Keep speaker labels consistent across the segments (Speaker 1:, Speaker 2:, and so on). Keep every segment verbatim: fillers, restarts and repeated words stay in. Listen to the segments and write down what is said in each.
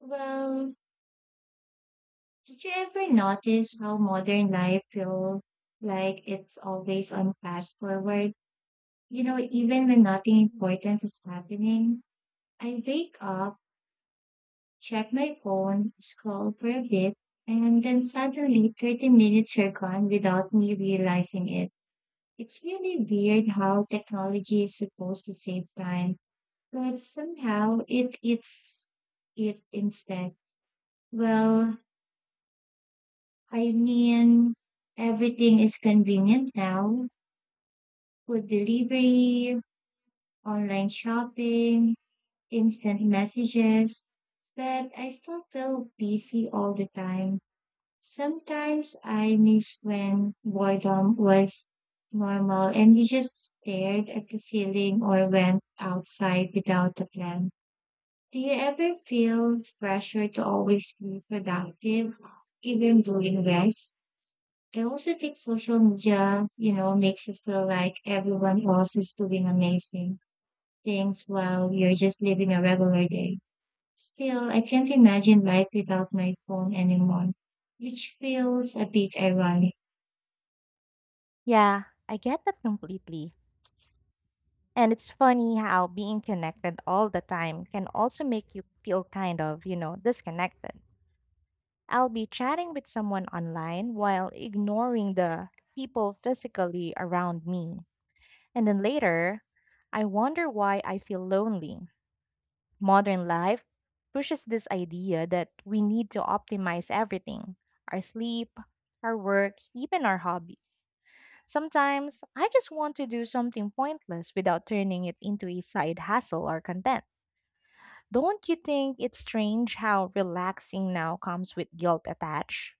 Speaker 1: Well, did you ever notice how
Speaker 2: Mm.
Speaker 1: modern life feels like it's always on fast forward? You know, even when nothing important is happening, I wake up, check my phone, scroll for a bit, and then suddenly thirty minutes are gone without me realizing it. It's really weird how technology is supposed to save time, but somehow it eats it instead. Well, I mean, everything is convenient now. Food delivery, online shopping, instant messages. But I still feel busy all the time. Sometimes I miss when boredom was normal and we just stared at the ceiling or went outside without a plan. Do you ever feel pressure to always be productive, even during rest? I also think social media, you know, makes it feel like everyone else is doing amazing things while you're just living a regular day. Still, I can't imagine life without my phone anymore, which feels a bit ironic.
Speaker 2: Yeah, I get that completely. And it's funny how being connected all the time can also make you feel kind of, you know, disconnected. I'll be chatting with someone online while ignoring the people physically around me. And then later, I wonder why I feel lonely. Modern life pushes this idea that we need to optimize everything our sleep, our work, even our hobbies. Sometimes I just want to do something pointless without turning it into a side hustle or content. Don't you think it's strange how relaxing now comes with guilt attached?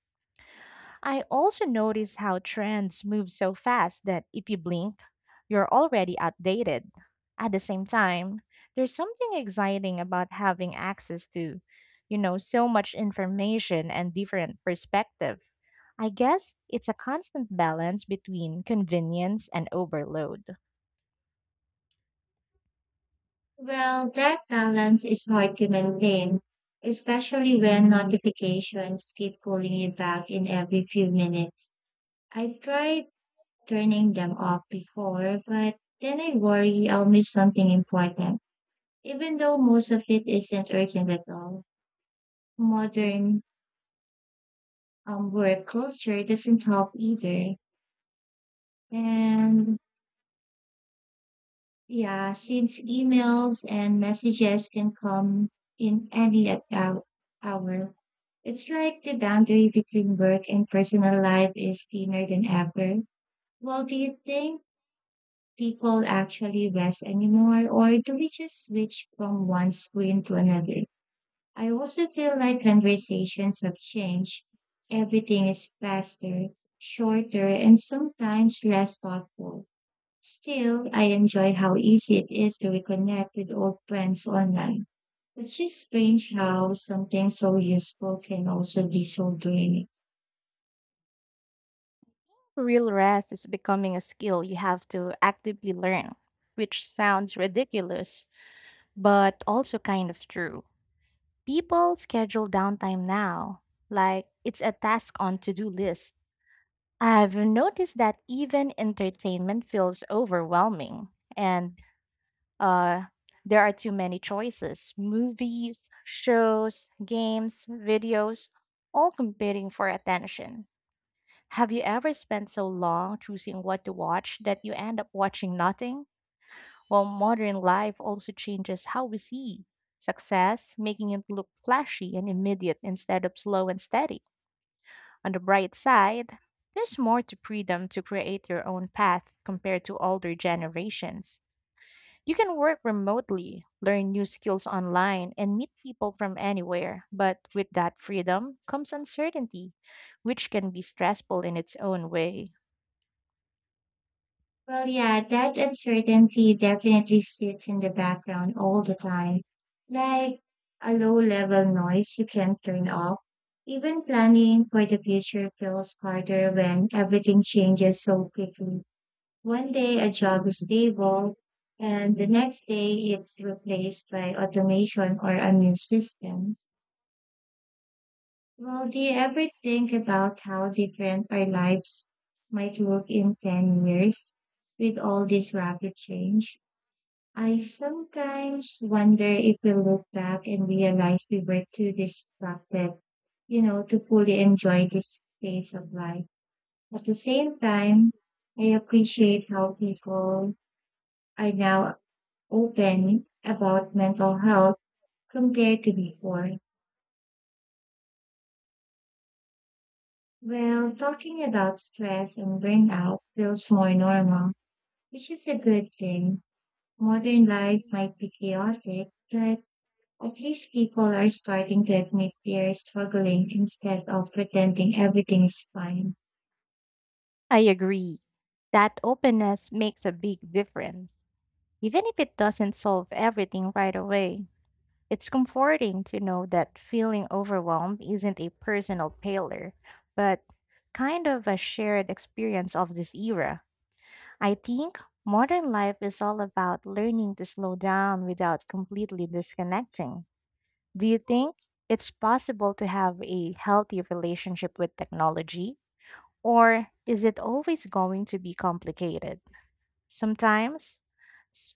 Speaker 2: I also notice how trends move so fast that if you blink, you're already outdated. At the same time, there's something exciting about having access to, you know, so much information and different perspective. I guess it's a constant balance between convenience and overload.
Speaker 1: Well, that balance is hard to maintain, especially when notifications keep pulling you back in every few minutes. I've tried turning them off before, but then I worry I'll miss something important. Even though most of it isn't urgent at all, modern um, work culture doesn't help either. And yeah, since emails and messages can come in any at hou- hour, it's like the boundary between work and personal life is thinner than ever. Well, do you think people actually rest anymore, or do we just switch from one screen to another? I also feel like conversations have changed. Everything is faster, shorter, and sometimes less thoughtful. Still, I enjoy how easy it is to reconnect with old friends online, which is strange how something so useful can also be so draining.
Speaker 2: Real rest is becoming a skill you have to actively learn, which sounds ridiculous, but also kind of true. People schedule downtime now, like it's a task on to do list. I've noticed that even entertainment feels overwhelming, and Uh, there are too many choices movies, shows, games, videos, all competing for attention. Have you ever spent so long choosing what to watch that you end up watching nothing? Well, modern life also changes how we see success, making it look flashy and immediate instead of slow and steady. On the bright side, there's more to freedom to create your own path compared to older generations. You can work remotely, learn new skills online, and meet people from anywhere. But with that freedom comes uncertainty, which can be stressful in its own way.
Speaker 1: Well, yeah, that uncertainty definitely sits in the background all the time, like a low level noise you can't turn off. Even planning for the future feels harder when everything changes so quickly. One day a job is stable, and the next day it's replaced by automation or a new system. Well, do you ever think about how different our lives might look in ten years with all this rapid change? I sometimes wonder if we'll look back and realize we were too distracted, you know, to fully enjoy this phase of life. At the same time, I appreciate how people are now open about mental health compared to before. Well, talking about stress and burnout feels more normal, which is a good thing. Modern life might be chaotic, but at least people are starting to admit they are struggling instead of pretending everything's fine.
Speaker 2: I agree. That openness makes a big difference. Even if it doesn't solve everything right away, it's comforting to know that feeling overwhelmed isn't a personal failure, but kind of a shared experience of this era. I think modern life is all about learning to slow down without completely disconnecting. Do you think it's possible to have a healthy relationship with technology? Or is it always going to be complicated? Sometimes s-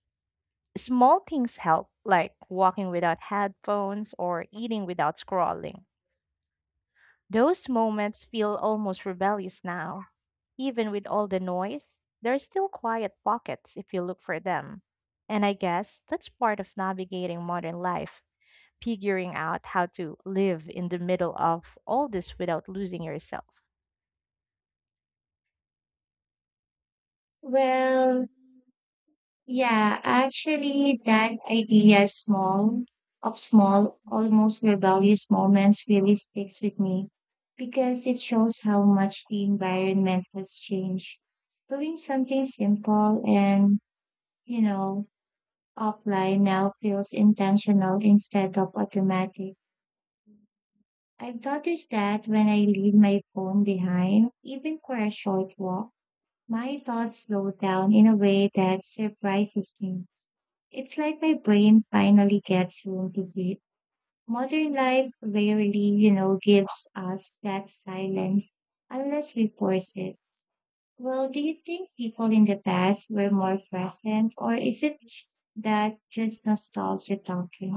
Speaker 2: small things help, like walking without headphones or eating without scrolling. Those moments feel almost rebellious now. Even with all the noise, there are still quiet pockets if you look for them. And I guess that's part of navigating modern life, figuring out how to live in the middle of all this without losing yourself.
Speaker 1: Well, yeah, actually, that idea small of small, almost rebellious moments really sticks with me because it shows how much the environment has changed. Doing something simple and, you know, offline now feels intentional instead of automatic. I've noticed that when I leave my phone behind, even for a short walk, my thoughts slow down in a way that surprises me. It's like my brain finally gets room to breathe. Modern life rarely, you know, gives us that silence unless we force it. Well, do you think people in the past were more present, or is it that just nostalgia talking?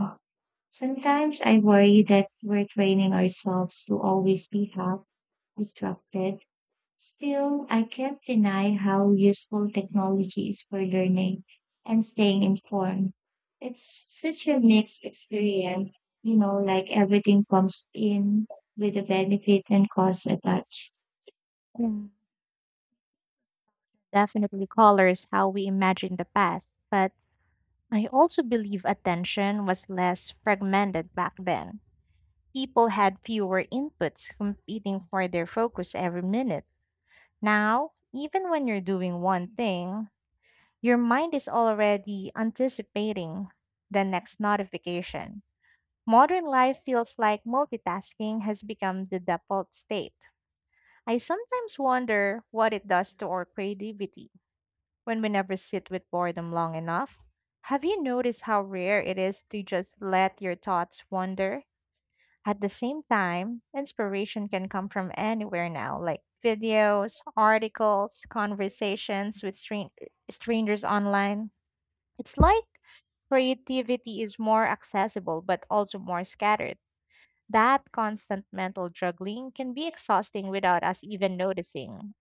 Speaker 1: Sometimes I worry that we're training ourselves to always be happy. Distracted. Still, I can't deny how useful technology is for learning and staying informed. It's such a mixed experience, you know, like everything comes in with a benefit and cost attached.
Speaker 2: Mm, definitely colors how we imagine the past, but I also believe attention was less fragmented back then. People had fewer inputs competing for their focus every minute. Now, even when you're doing one thing, your mind is already anticipating the next notification. Modern life feels like multitasking has become the default state. I sometimes wonder what it does to our creativity when we never sit with boredom long enough. Have you noticed how rare it is to just let your thoughts wander? At the same time, inspiration can come from anywhere now, like videos, articles, conversations with stran- strangers online. It's like creativity is more accessible but also more scattered. That constant mental juggling can be exhausting without us even noticing.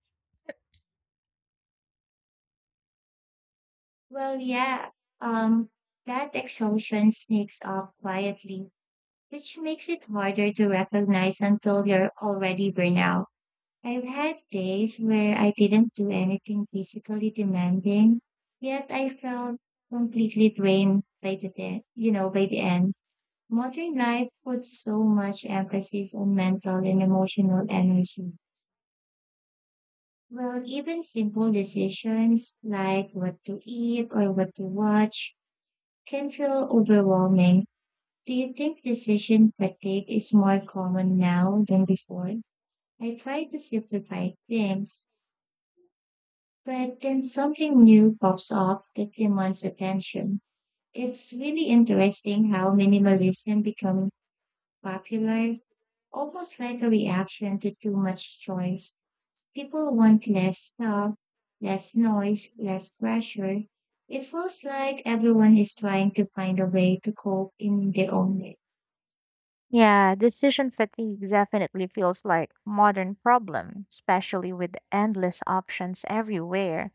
Speaker 1: Well, yeah, um, that exhaustion sneaks up quietly, which makes it harder to recognize until you're already burned out. I've had days where I didn't do anything physically demanding, yet I felt completely drained by the day, you know, by the end. Modern life puts so much emphasis on mental and emotional energy. Well, even simple decisions like what to eat or what to watch can feel overwhelming. Do you think decision fatigue is more common now than before? I try to simplify things, but then something new pops up that demands attention. It's really interesting how minimalism become popular, almost like a reaction to too much choice. People want less stuff, less noise, less pressure. It feels like everyone is trying to find a way to cope in their own way.
Speaker 2: Yeah, decision fatigue definitely feels like modern problem, especially with endless options everywhere.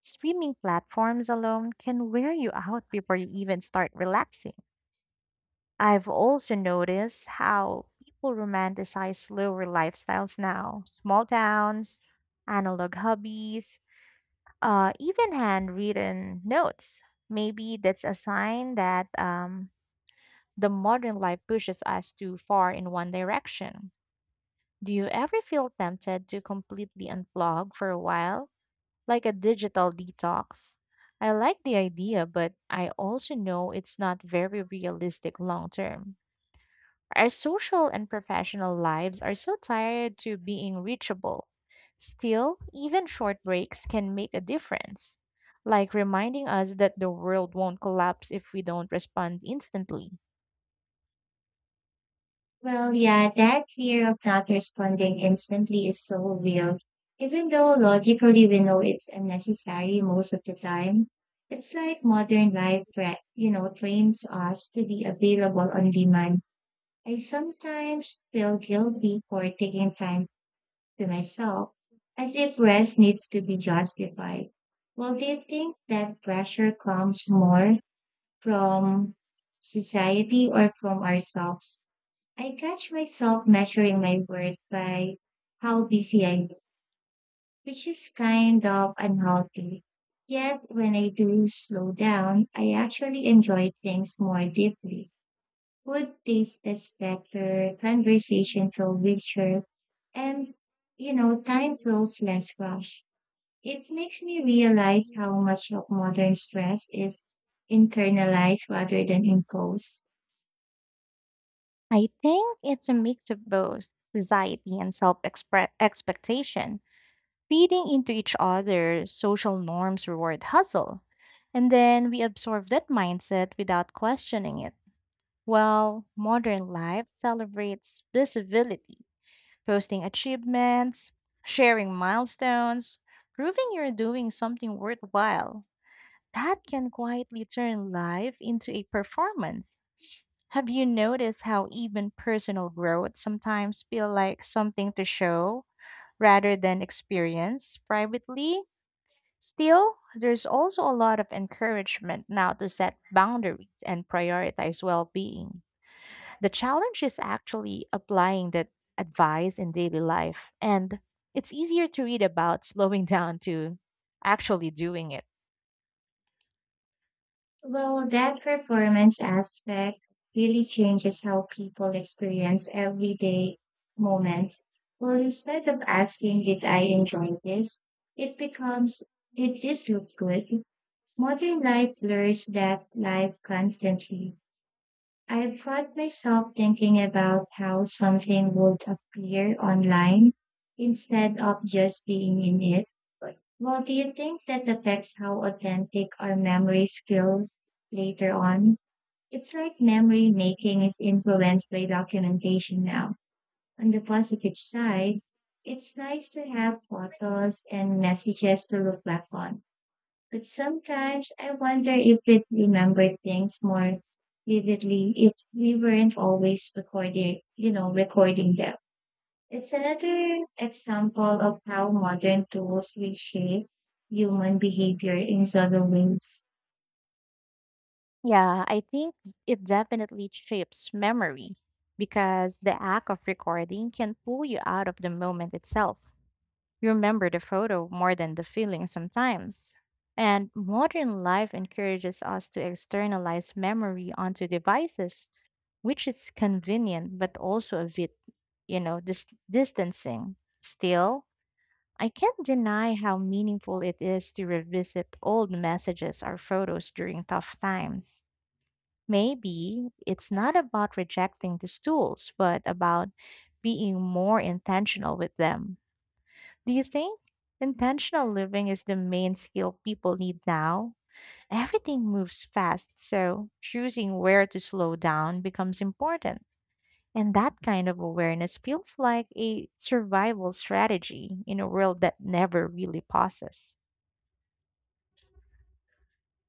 Speaker 2: Streaming platforms alone can wear you out before you even start relaxing. I've also noticed how people romanticize slower lifestyles now. Small towns, analog hobbies, uh, even handwritten notes. Maybe that's a sign that um, the modern life pushes us too far in one direction. Do you ever feel tempted to completely unplug for a while, like a digital detox? I like the idea, but I also know it's not very realistic long term. Our social and professional lives are so tired to being reachable. Still, even short breaks can make a difference, like reminding us that the world won't collapse if we don't respond instantly.
Speaker 1: Well, yeah, that fear of not responding instantly is so real. Even though logically we know it's unnecessary most of the time, it's like modern life, tra- you know, trains us to be available on demand. I sometimes feel guilty for taking time to myself, as if rest needs to be justified. Well, do you think that pressure comes more from society or from ourselves? I catch myself measuring my worth by how busy I am, which is kind of unhealthy. Yet when I do slow down, I actually enjoy things more deeply. Food tastes better, conversation feel richer, and, you know, time feels less rushed. It makes me realize how much of modern stress is internalized rather than imposed.
Speaker 2: I think it's a mix of both society and self expectation, feeding into each other, social norms reward hustle. And then we absorb that mindset without questioning it. Well, modern life celebrates visibility, posting achievements, sharing milestones, proving you're doing something worthwhile. That can quietly turn life into a performance. Have you noticed how even personal growth sometimes feel like something to show rather than experience privately? Still, there's also a lot of encouragement now to set boundaries and prioritize well-being. The challenge is actually applying that advice in daily life, and it's easier to read about slowing down to actually doing it.
Speaker 1: Well, that performance aspect really changes how people experience everyday moments. Well, instead of asking, did I enjoy this? It becomes, did this look good? Modern life blurs that life constantly. I found myself thinking about how something would appear online instead of just being in it. Well, do you think that affects how authentic our memories feel later on? It's like memory
Speaker 2: Mhm.
Speaker 1: making is influenced by documentation now. On the positive side, it's nice to have photos and messages to look back on. But sometimes I wonder if we remember things more vividly if we weren't always recording, you know, recording them. It's another example of how modern tools reshape human behavior in subtle ways.
Speaker 2: Yeah, I think it definitely shapes memory because the act of recording can pull you out of the moment itself. You remember the photo more than the feeling sometimes. And modern life encourages us to externalize memory onto devices which is convenient but also a bit, you know, dis- distancing. Still, I can't deny how meaningful it is to revisit old messages or photos during tough times. Maybe it's not about rejecting these tools, but about being more intentional with them. Do you think intentional living is the main skill people need now? Everything moves fast, so choosing where to slow down becomes important. And that kind of awareness feels like a survival strategy in a world that never really pauses.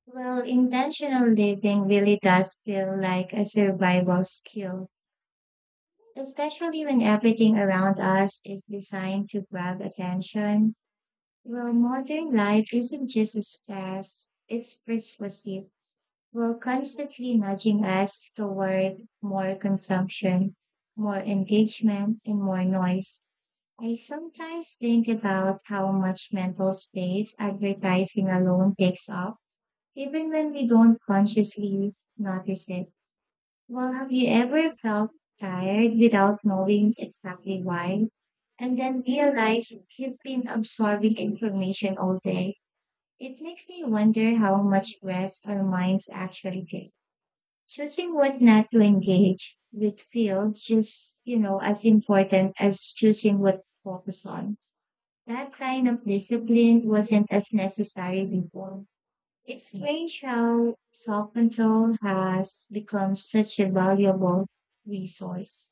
Speaker 1: Well, intentional living really does feel like a survival skill, especially when everything around us is designed to grab attention. Well, modern life isn't just as fast, it's persuasive. We're constantly nudging us toward more consumption, more engagement, and more noise. I sometimes think about how much mental space advertising alone takes up, even when we don't consciously notice it. Well, have you ever felt tired without knowing exactly why? And then realized you've been absorbing information all day? It makes me wonder how much rest our minds actually get. Choosing what not to
Speaker 2: Mm.
Speaker 1: engage with feels just, you know, as important as choosing what to focus on. That kind of discipline wasn't as necessary before. It's strange how self control has become such a valuable resource.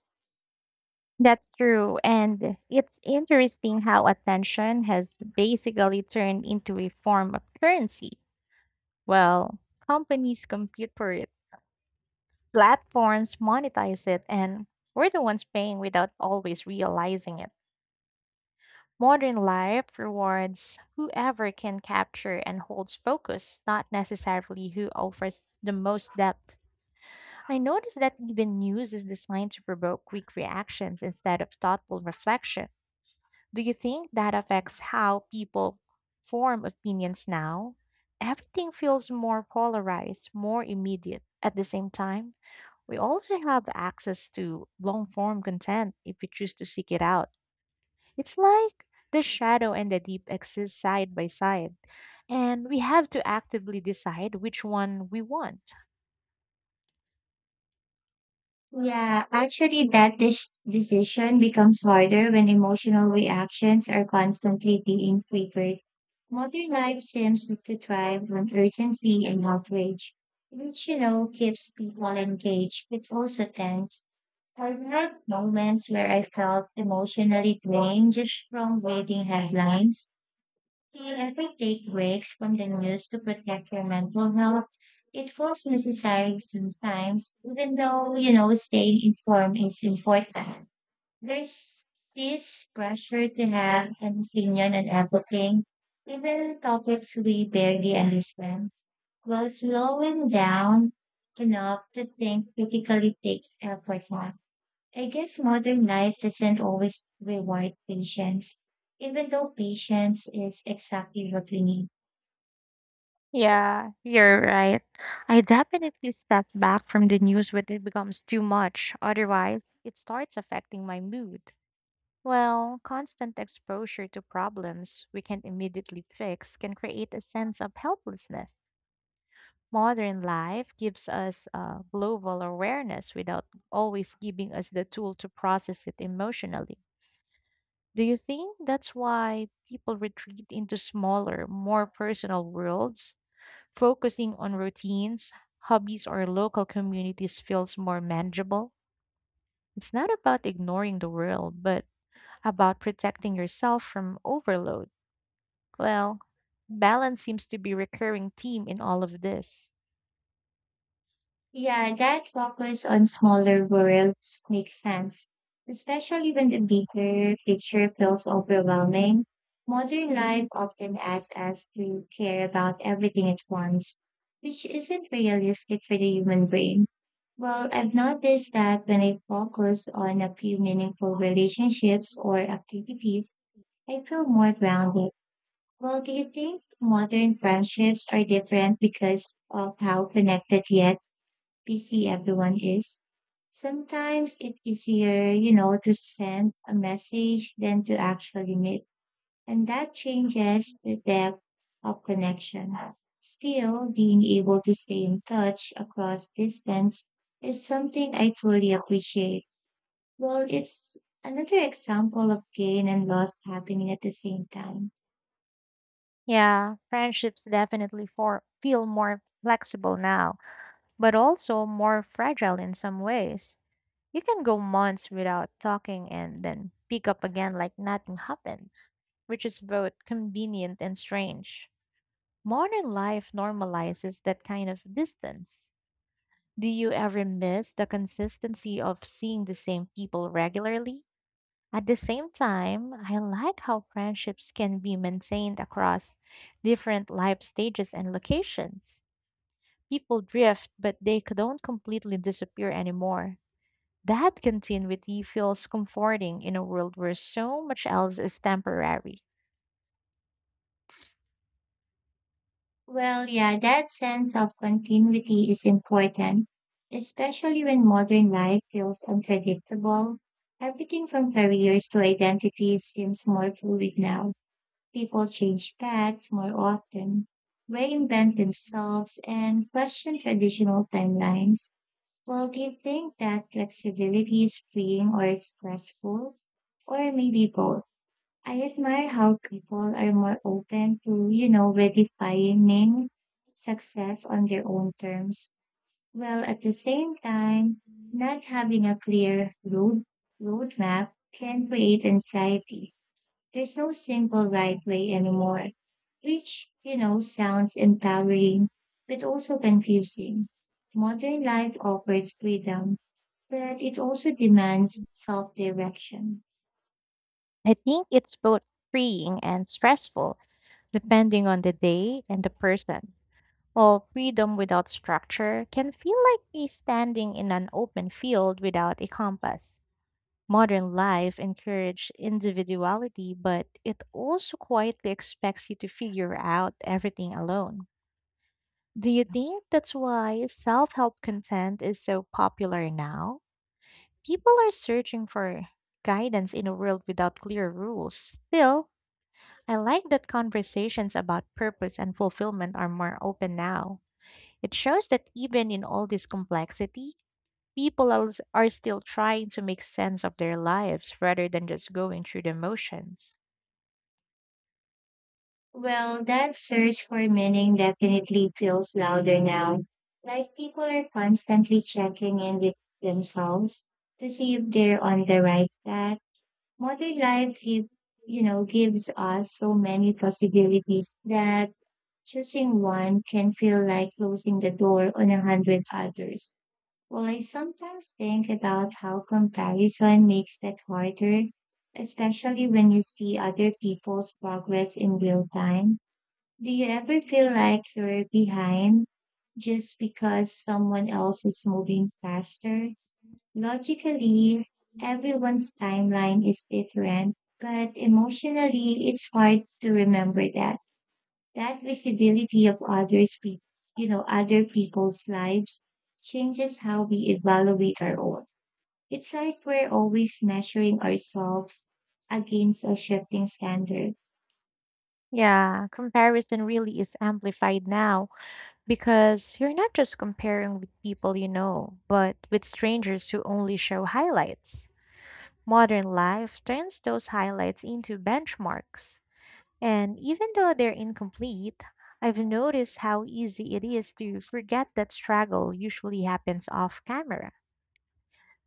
Speaker 2: That's true. And it's interesting how attention has basically turned into a form of currency. Well, companies compete for it, platforms monetize it, and we're the ones paying without always realizing it. Modern life rewards whoever can capture and holds focus, not necessarily who offers the most depth. I noticed that even news is designed to provoke quick reactions instead of thoughtful reflection. Do you think that affects how people form opinions now? Everything feels more polarized, more immediate. At the same time, we also have access to long form content if we choose to seek it out. It's like the shadow and the deep exist side by side, and we have to actively decide which one we want.
Speaker 1: Yeah, actually, that dis- decision becomes harder when emotional reactions are constantly being triggered. Modern life seems to thrive on urgency and outrage, which, you know, keeps people engaged, but also tense. I've had moments where I felt emotionally drained just from reading headlines, can every take breaks from the news to protect your mental health? It feels necessary sometimes, even though, you know, staying informed is important. There's this pressure to have an opinion on everything, even topics we barely understand. While slowing down enough to think critically takes effort now. I guess modern life doesn't always reward patience, even though patience is exactly what we need.
Speaker 2: Yeah, you're right. I definitely step back from the news when it becomes too much. Otherwise, it starts affecting my mood. Well, constant exposure to problems we can't immediately fix can create a sense of helplessness. Modern life gives us uh, global awareness without always giving us the tool to process it emotionally. Do you think that's why people retreat into smaller, more personal worlds? Focusing on routines, hobbies, or local communities feels more manageable. It's not about ignoring the world, but about protecting yourself from overload. Well, balance seems to be recurring theme in all of this.
Speaker 1: Yeah, that focus on smaller worlds makes sense, especially when the bigger picture feels overwhelming. Modern life often asks us to care about everything at once, which isn't realistic for the human brain. Well, I've noticed that when I focus on a few meaningful relationships or activities, I feel more grounded. Well, do you think modern friendships are different because of how connected yet busy everyone is, sometimes it's easier, you know, to send a message than to actually meet. And that changes the depth of connection. Still, being able to stay in touch across distance is something I truly appreciate. Well, it's another example of gain and loss happening at the same time.
Speaker 2: Yeah, friendships definitely for, feel more flexible now, but also more fragile in some ways. You can go months without talking and then pick up again like nothing happened, which is both convenient and strange. Modern life normalizes that kind of distance. Do you ever miss the consistency of seeing the same people regularly? At the same time, I like how friendships can be maintained across different life stages and locations. People drift, but they c- don't completely disappear anymore. That continuity feels comforting in a world where so much else is temporary.
Speaker 1: Well, yeah, that sense of continuity is important, especially when modern life feels unpredictable. Everything from careers to identities seems more fluid now. People change paths more often, reinvent themselves, and question traditional timelines. Well, do you think that flexibility is freeing or stressful? Or maybe both? I admire how people are more open to, you know, redefining success on their own terms, while at the same time, not having a clear road roadmap can create anxiety. There's no simple right way anymore, which, you know, sounds empowering, but also confusing. Modern life offers freedom, but it also demands self-direction.
Speaker 2: I think it's both freeing and stressful, depending on the day and the person. While freedom without structure can feel like me standing in an open field without a compass. Modern life encourages individuality, but it also quietly expects you to figure out everything alone. Do you think that's why self help content is so popular now? People are searching for guidance in a world without clear rules. Still, I like that conversations about purpose and fulfillment are more open now. It shows that even in all this complexity, people are are still trying to make sense of their lives rather than just going through the motions.
Speaker 1: Well, that search for meaning definitely feels louder now. Like people are constantly checking in with themselves to see if they're on the right path. Modern life, give, you know, gives us so many possibilities that choosing one can feel like closing the door on a hundred others. Well, I sometimes think about how comparison makes that harder, especially when you see other people's progress in real time. Do you ever feel like you're behind just because someone else is moving faster? Logically, everyone's timeline is different, but emotionally, it's hard to remember that. That visibility of others, pe- you know, other people's lives changes how we evaluate our own. It's like we're always measuring ourselves against a shifting standard.
Speaker 2: Yeah, comparison really is amplified now because you're not just comparing with people you know, but with strangers who only show highlights. Modern life turns those highlights into benchmarks. And even though they're incomplete, I've noticed how easy it is to forget that struggle usually happens off camera.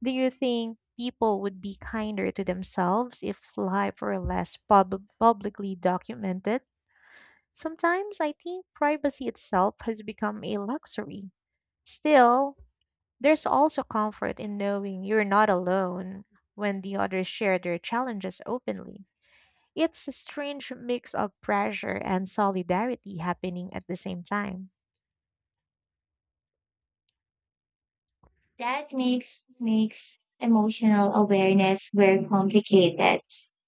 Speaker 2: Do you think people would be kinder to themselves if life were less pub- publicly documented? Sometimes I think privacy itself has become a luxury. Still, there's also comfort in knowing you're not alone when the others share their challenges openly. It's a strange mix of pressure and solidarity happening at the same time.
Speaker 1: That makes makes emotional awareness very complicated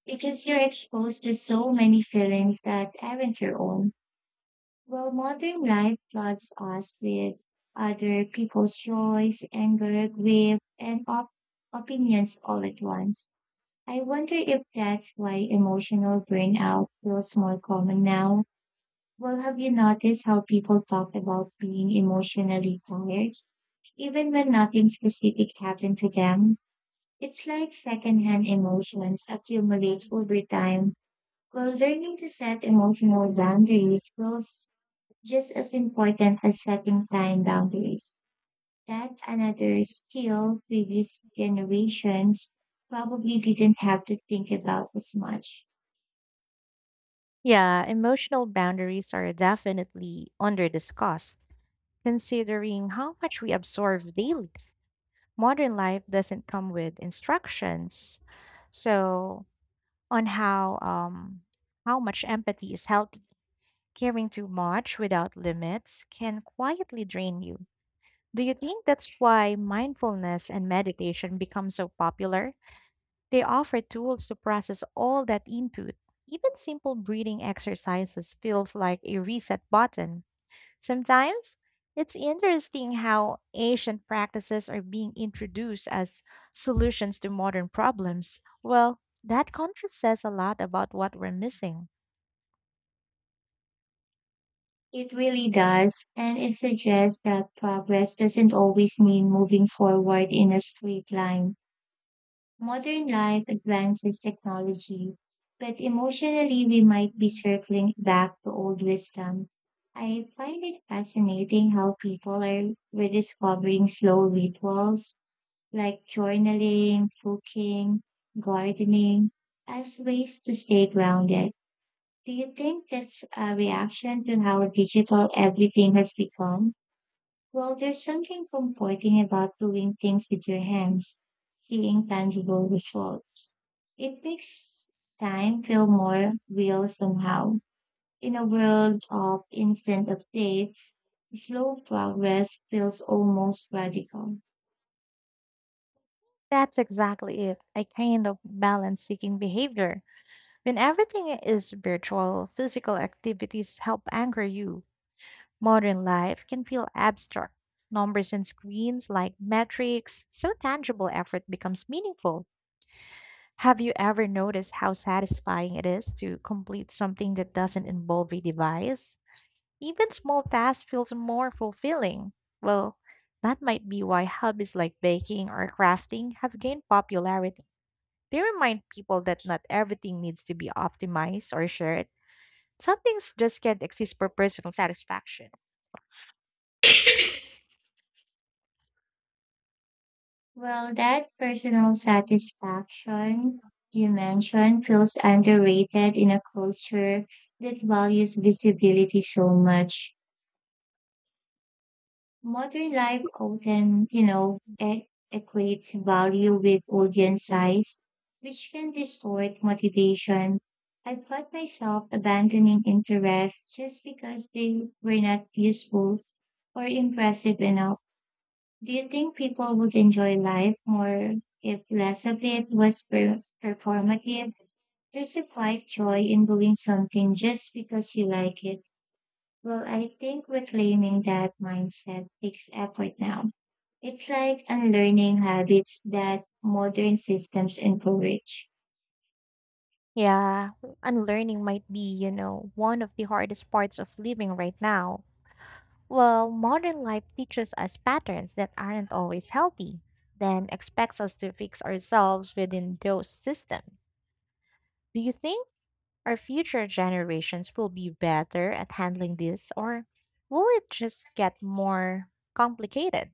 Speaker 1: because you're exposed to so many feelings that aren't your own. Well, modern life floods us with other people's joys, anger, grief, and op- opinions all at once. I wonder if that's why emotional burnout feels more common now. Well, have you noticed how people talk about being emotionally tired, even when nothing specific happened to them? It's like secondhand emotions accumulate over time, while learning to set emotional boundaries was just as important as setting time boundaries. That's another skill previous generations probably didn't have to think about as much.
Speaker 2: Yeah, emotional boundaries are definitely under discussed, considering how much we absorb daily. Modern life doesn't come with instructions. So, on how um how much empathy is healthy. Caring too much without limits can quietly drain you. Do you think that's why mindfulness and meditation become so popular? They offer tools to process all that input. Even simple breathing exercises feels like a reset button. Sometimes it's interesting how ancient practices are being introduced as solutions to modern problems. Well, that contrast says a lot about what we're missing.
Speaker 1: It really does, and it suggests that progress doesn't always mean moving forward in a straight line. Modern life advances technology, but emotionally we might be
Speaker 2: Mm.
Speaker 1: circling back to old wisdom. I find it fascinating how people are rediscovering slow rituals like journaling, cooking, gardening as ways to stay grounded. Do you think that's a reaction to how digital everything has become? Well, there's something comforting about doing things with your hands, seeing tangible results. It makes time feel more real somehow. In a world of instant updates, slow progress feels almost radical.
Speaker 2: That's exactly it. A kind of balance seeking behavior. When everything is virtual, physical activities help anchor you. Modern life can feel abstract. Numbers and screens like metrics, so tangible effort becomes meaningful. Have you ever noticed how satisfying it is to complete something that doesn't involve a device? Even small tasks feels more fulfilling. Well, that might be why hobbies like baking or crafting have gained popularity. They remind people that not everything needs to be optimized or shared. Some things just can't exist for personal satisfaction.
Speaker 1: Well, that personal satisfaction you mentioned feels underrated in a culture that values visibility so much. Modern life often, you know, e- equates value with audience size, which can distort motivation. I caught myself abandoning interests just because they were not useful or impressive enough. Do you think people would enjoy life more if less of it was per- performative? There's a quiet joy in doing something just because you like it. Well, I think reclaiming that mindset takes effort now. It's like unlearning habits that modern systems encourage.
Speaker 2: Yeah, unlearning might be, you know, one of the hardest parts of living right now. Well, modern life teaches us patterns that aren't always healthy, then expects us to fix ourselves within those systems. Do you think our future generations will be better at handling this, or will it just get more complicated?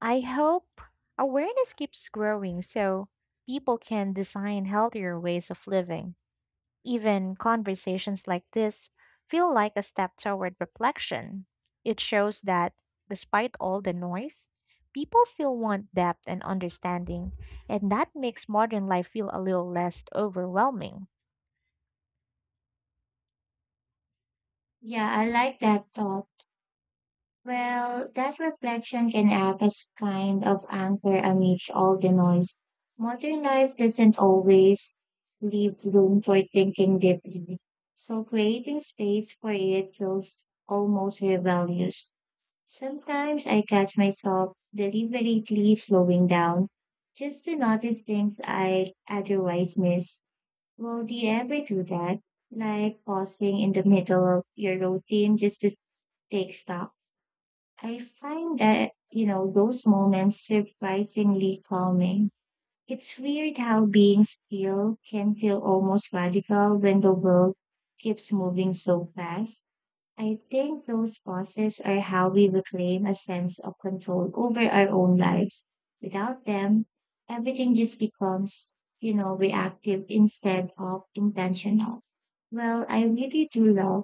Speaker 2: I hope awareness keeps growing so people can design healthier ways of living. Even conversations like this feel like a step toward reflection. It shows that, despite all the noise, people still want depth and understanding, and that makes modern life feel a little less overwhelming.
Speaker 1: Yeah, I like that thought. Well, that reflection can act as kind of anchor amidst all the noise. Modern life doesn't always leave room for thinking deeply, so creating space for it feels almost rebellious. Sometimes I catch myself deliberately slowing down just to notice things I otherwise miss. Well, do you ever do that? Like pausing in the middle of your routine just to take stock? I find that, you know, those moments surprisingly calming. It's weird how being still can feel almost radical when the world keeps moving so fast. I think those pauses are how we reclaim a sense of control over our own lives. Without them, everything just becomes, you know, reactive instead of intentional. Well, I really do love